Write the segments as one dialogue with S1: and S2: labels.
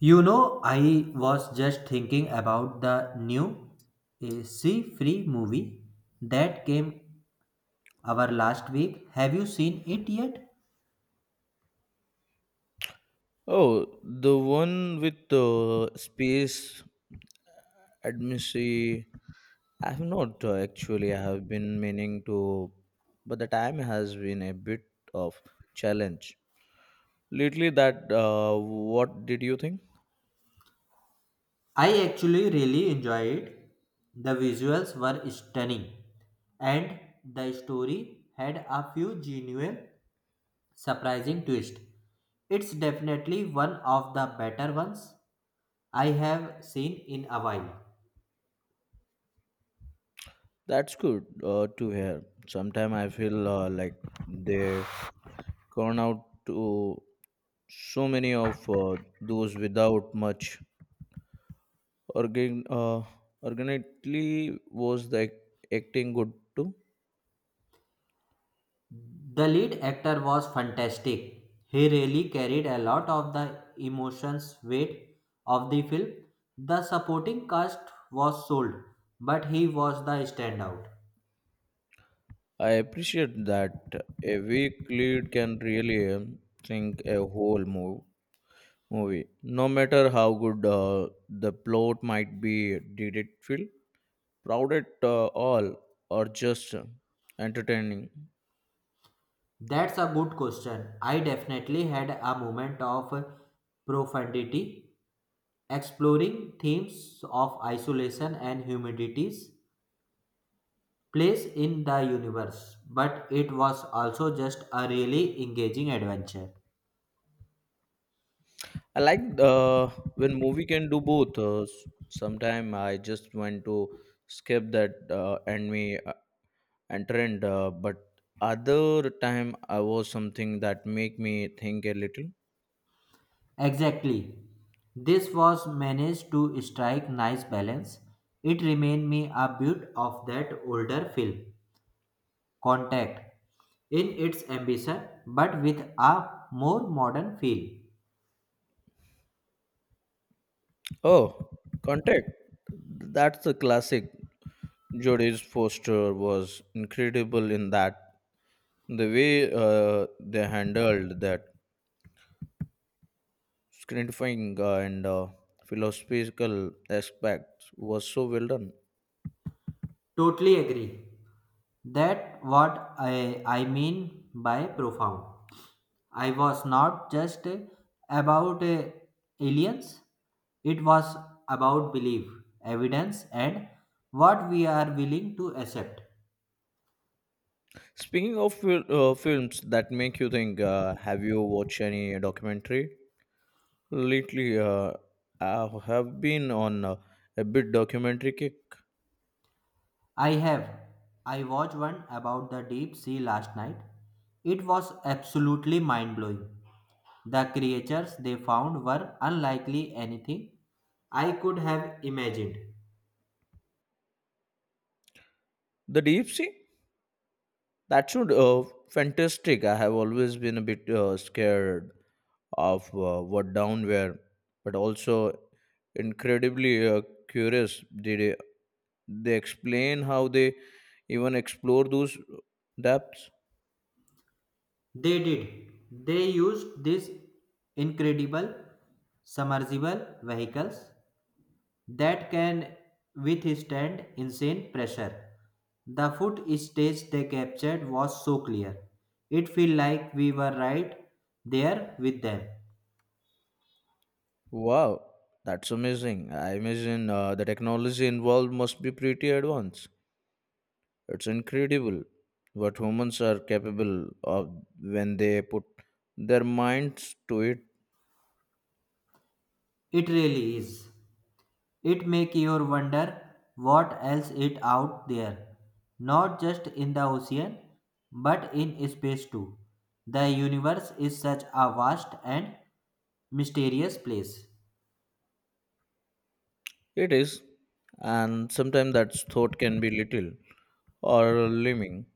S1: You know, I was just thinking about the new AC Free movie that came our last week. Have you seen it yet?
S2: Oh, the one with the space admissy. I have not actually. I have been meaning to, but the time has been a bit of challenge lately. That What did you think?
S1: I actually really enjoyed it. The visuals were stunning, and the story had a few genuine, surprising twists. It's definitely one of the better ones I have seen in a while.
S2: That's good to hear. Sometimes I feel like they gone out to so many of those without much organ. Organically was the acting good too?
S1: The lead actor was fantastic. He really carried a lot of the emotions weight of the film. The supporting cast was sold, but he was the standout.
S2: I appreciate that a weak lead can really sink a whole movie. No matter how good the plot might be. Did it feel crowded all or just entertaining?
S1: That's a good question. I definitely had a moment of profundity, exploring themes of isolation and humanity's place in the universe, but it was also just a really engaging adventure.
S2: I like when movie can do both. Sometimes I just want to skip that and me and trend, but other time I was something that make me think a little.
S1: Exactly. This was managed to strike nice balance. It reminded me a bit of that older film, Contact, in its ambition but with a more modern feel.
S2: Oh, Contact. That's a classic. Jodie's Foster was incredible in that. The way they handled that screenifying and philosophical aspect was so well done.
S1: Totally agree. That what I mean by profound. I was not just about aliens. It was about belief, evidence and what we are willing to accept.
S2: Speaking of films that make you think, have you watched any documentary? Lately, I have been on a bit documentary kick.
S1: I have. I watched one about the deep sea last night. It was absolutely mind blowing. The creatures they found were unlikely anything I could have imagined.
S2: The Deep Sea? That should fantastic. I have always been a bit scared of what downware, but also incredibly curious. They explain how they even explore those depths?
S1: They did. They used these incredible submersible vehicles that can withstand insane pressure. The footage they captured was so clear. It felt like we were right there with them.
S2: Wow, that's amazing. I imagine the technology involved must be pretty advanced. It's incredible what humans are capable of when they put their minds to it.
S1: It really is. It make you wonder what else is out there, not just in the ocean, but in space too. The universe is such a vast and mysterious place.
S2: It is, and sometimes that thought can be little or limiting,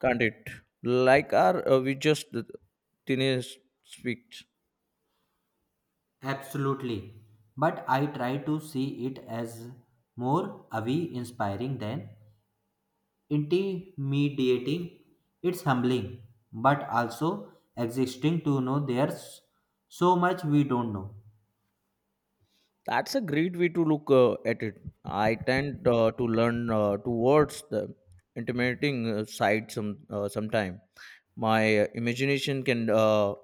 S2: can't it? Like are we just the teenage speaks?
S1: Absolutely. But I try to see it as more awe inspiring than intimidating. It's humbling, but also existing to know there's so much we don't know.
S2: That's a great way to look at it. I tend to learn towards the intimidating side sometime. My imagination can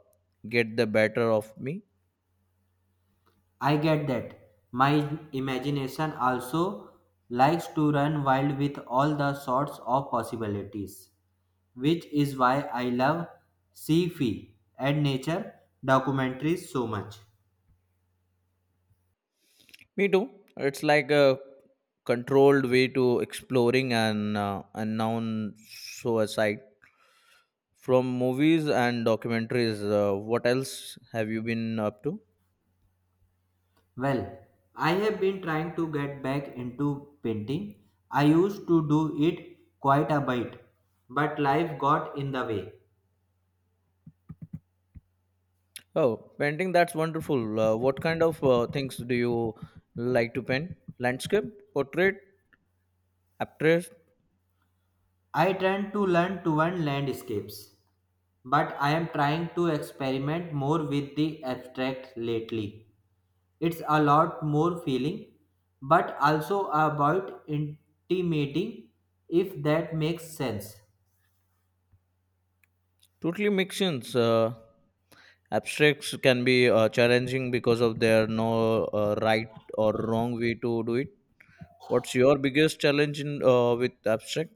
S2: get the better of me.
S1: I get that. My imagination also likes to run wild with all the sorts of possibilities, which is why I love sci-fi and nature documentaries so much.
S2: Me too. It's like a controlled way to exploring an unknown suicide. From movies and documentaries, what else have you been up to?
S1: Well, I have been trying to get back into painting. I used to do it quite a bit, but life got in the way.
S2: Oh, painting, that's wonderful. What kind of things do you like to paint? Landscape, portrait, abstract,
S1: I tend to learn to one landscapes, but I am trying to experiment more with the abstract lately. It's a lot more feeling, but also about intimating if that makes sense.
S2: totally mixings. Abstracts can be challenging because of there no right or wrong way to do it. What's your biggest challenge in, with abstract?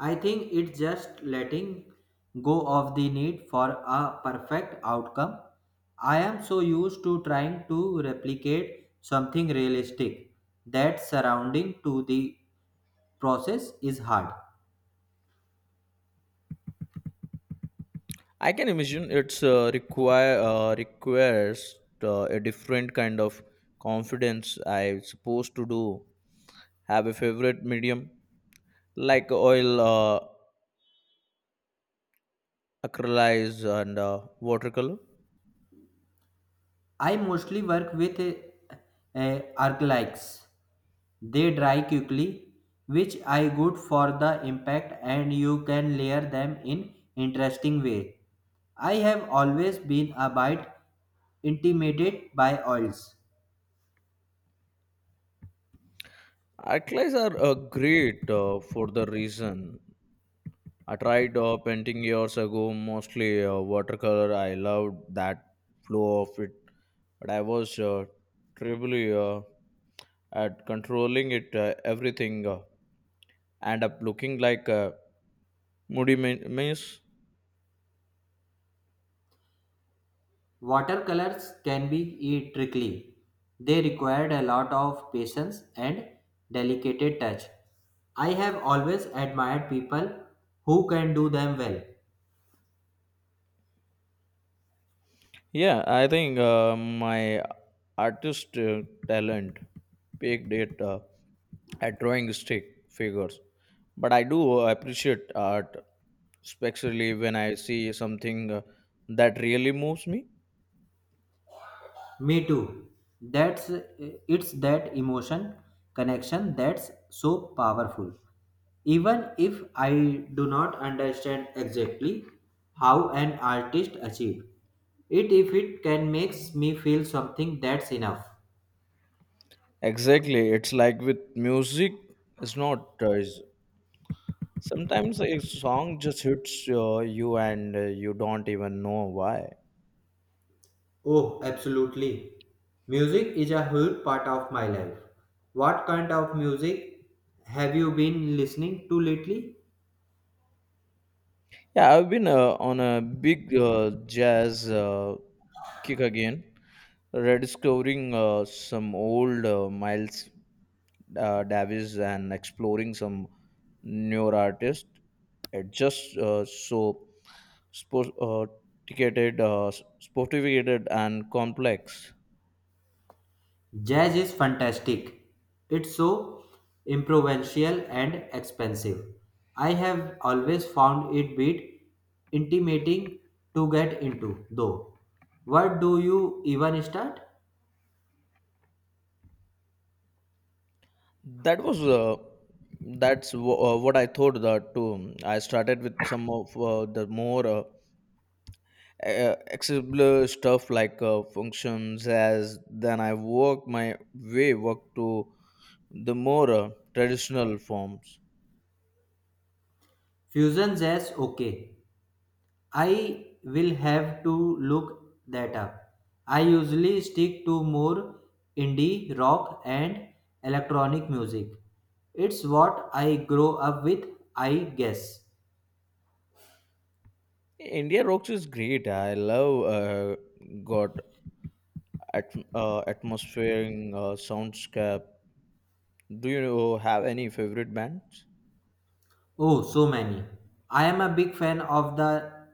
S1: I think it's just letting go of the need for a perfect outcome. I am so used to trying to replicate something realistic that surrounding to the process is hard.
S2: I can imagine it's requires a different kind of confidence. I supposed to do have a favorite medium like oil, acrylics, and watercolor.
S1: I mostly work with arclights. They dry quickly, which I good for the impact and you can layer them in interesting way. I have always been a bit intimidated by oils.
S2: Acrylics are great for the reason. I tried painting years ago, mostly watercolor. I loved that flow of it, but I was terribly at controlling it. Everything end up looking like. Moody means
S1: Watercolors can be tricky. They required a lot of patience and delicate touch. I have always admired people who can do them well.
S2: yeah, I think my artist talent peaked at drawing stick figures, but I do appreciate art, especially when I see something that really moves me.
S1: Me too. That's it's that emotion connection that's so powerful. Even if I do not understand exactly how an artist achieved it, if it can makes me feel something, that's enough.
S2: Exactly, it's like with music, it's not. Sometimes a song just hits you and you don't even know why.
S1: Oh, absolutely. Music is a huge part of my life. What kind of music have you been listening to lately?
S2: Yeah, I've been on a big jazz. Kick again. Rediscovering some old Miles Davis and exploring some newer artists. It just so spo- uh, ticketed, uh, sophisticated and complex.
S1: Jazz is fantastic. It's so improvisational and expensive. I have always found it bit intimidating to get into, though. What do you even start?
S2: That was that's w- what I thought that too. I started with some of the more. Accessible stuff like functions as then I work my way work to the more traditional forms.
S1: Fusion jazz, okay. I will have to look that up. I usually stick to more indie rock and electronic music. It's what I grow up with, I guess.
S2: India Rocks is great. I love got at, atmospheric soundscape. Do you have any favorite bands?
S1: Oh, so many. I am a big fan of the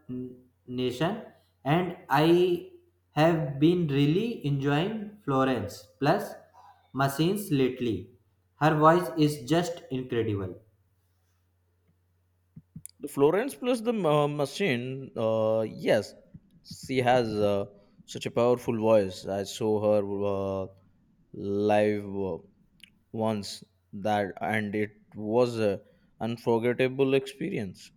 S1: nation and I have been really enjoying Florence plus machines lately. Her voice is just incredible.
S2: The Florence plus the machine. Yes, she has such a powerful voice. I saw her live. Once that and it was a unforgettable experience.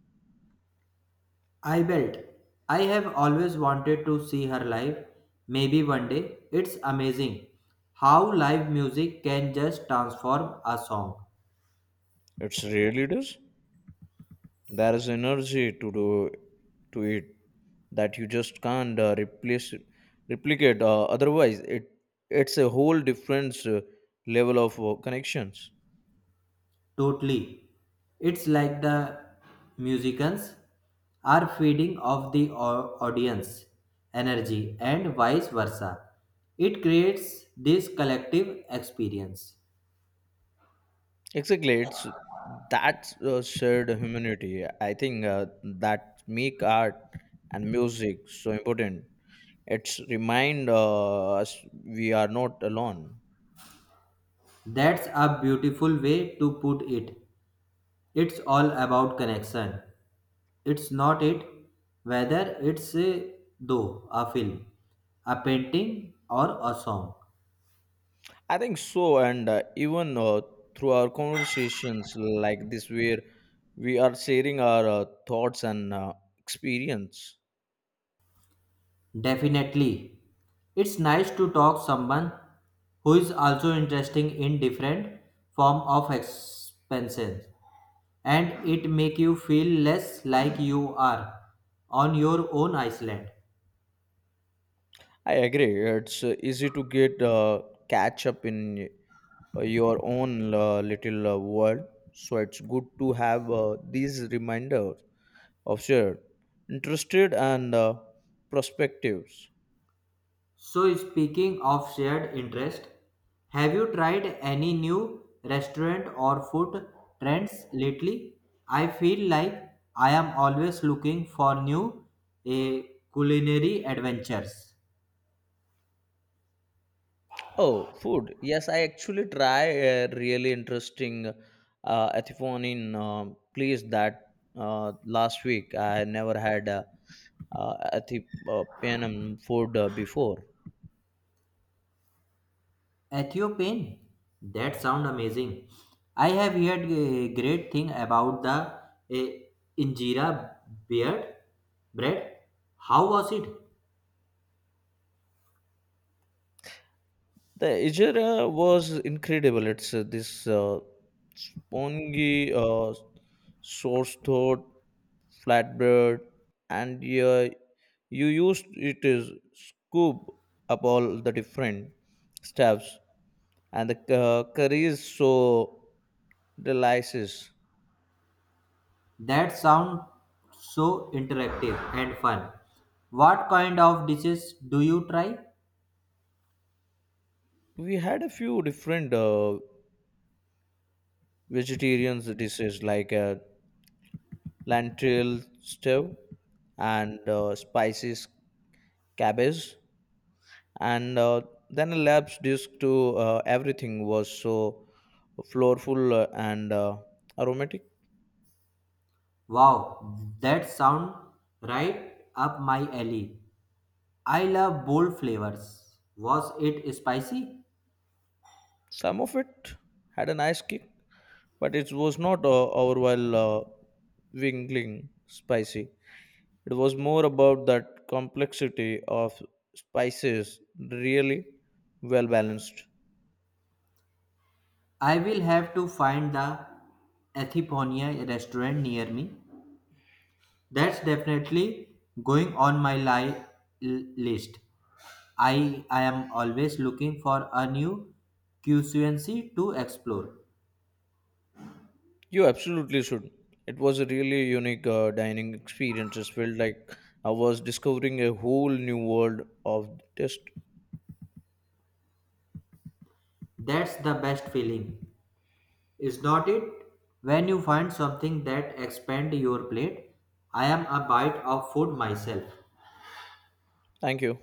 S1: I bet I have always wanted to see her live. Maybe one day. It's amazing how live music can just transform a song.
S2: It's really does there is energy to do to it that you just can't replace replicate otherwise. It's a whole different level of connections.
S1: Totally. It's like the musicians are feeding off the audience energy and vice versa. It creates this collective experience.
S2: Exactly, it's that shared humanity. I think that make art and music so important. It's remind us we are not alone.
S1: That's a beautiful way to put it. It's all about connection. It's not it whether it's though a film, a painting or a song.
S2: I think so, and even through our conversations like this, where we are sharing our thoughts and experience.
S1: Definitely. It's nice to talk someone who is also interesting in different form of expenses and it make you feel less like you are on your own island.
S2: I agree. It's easy to get catch up in your own little world, so it's good to have these reminders of shared interested and perspectives.
S1: So speaking of shared interest, have you tried any new restaurant or food trends lately? I feel like I am always looking for new eh, culinary adventures.
S2: Oh, food. Yes, I actually try a really interesting Ethiopian place that last week. I never had uh, Ethiopian food before.
S1: Ethiopian? That sound amazing. I have heard a great thing about the injera beard bread. How was it?
S2: The injera was incredible. It's this spongy source thought flatbread and you used it is scoop up all the different stuffs and the curry is so delicious.
S1: That sound so interactive and fun. What kind of dishes do you try?
S2: We had a few different vegetarian dishes like lentil stew and spices cabbage, and then a lab's dish to everything was so flourful and aromatic.
S1: Wow, that sound right up my alley. I love bold flavors. Was it spicy?
S2: Some of it had a nice kick, but it was not overall wingling spicy. It was more about that complexity of spices, really well balanced.
S1: I will have to find the Ethiponia restaurant near me. That's definitely going on my list. I am always looking for a new QCNC to explore.
S2: You absolutely should. It was a really unique dining experience. It felt like I was discovering a whole new world of taste.
S1: That's the best feeling, is not it? When you find something that expand your plate, I am a bite of food myself.
S2: Thank you.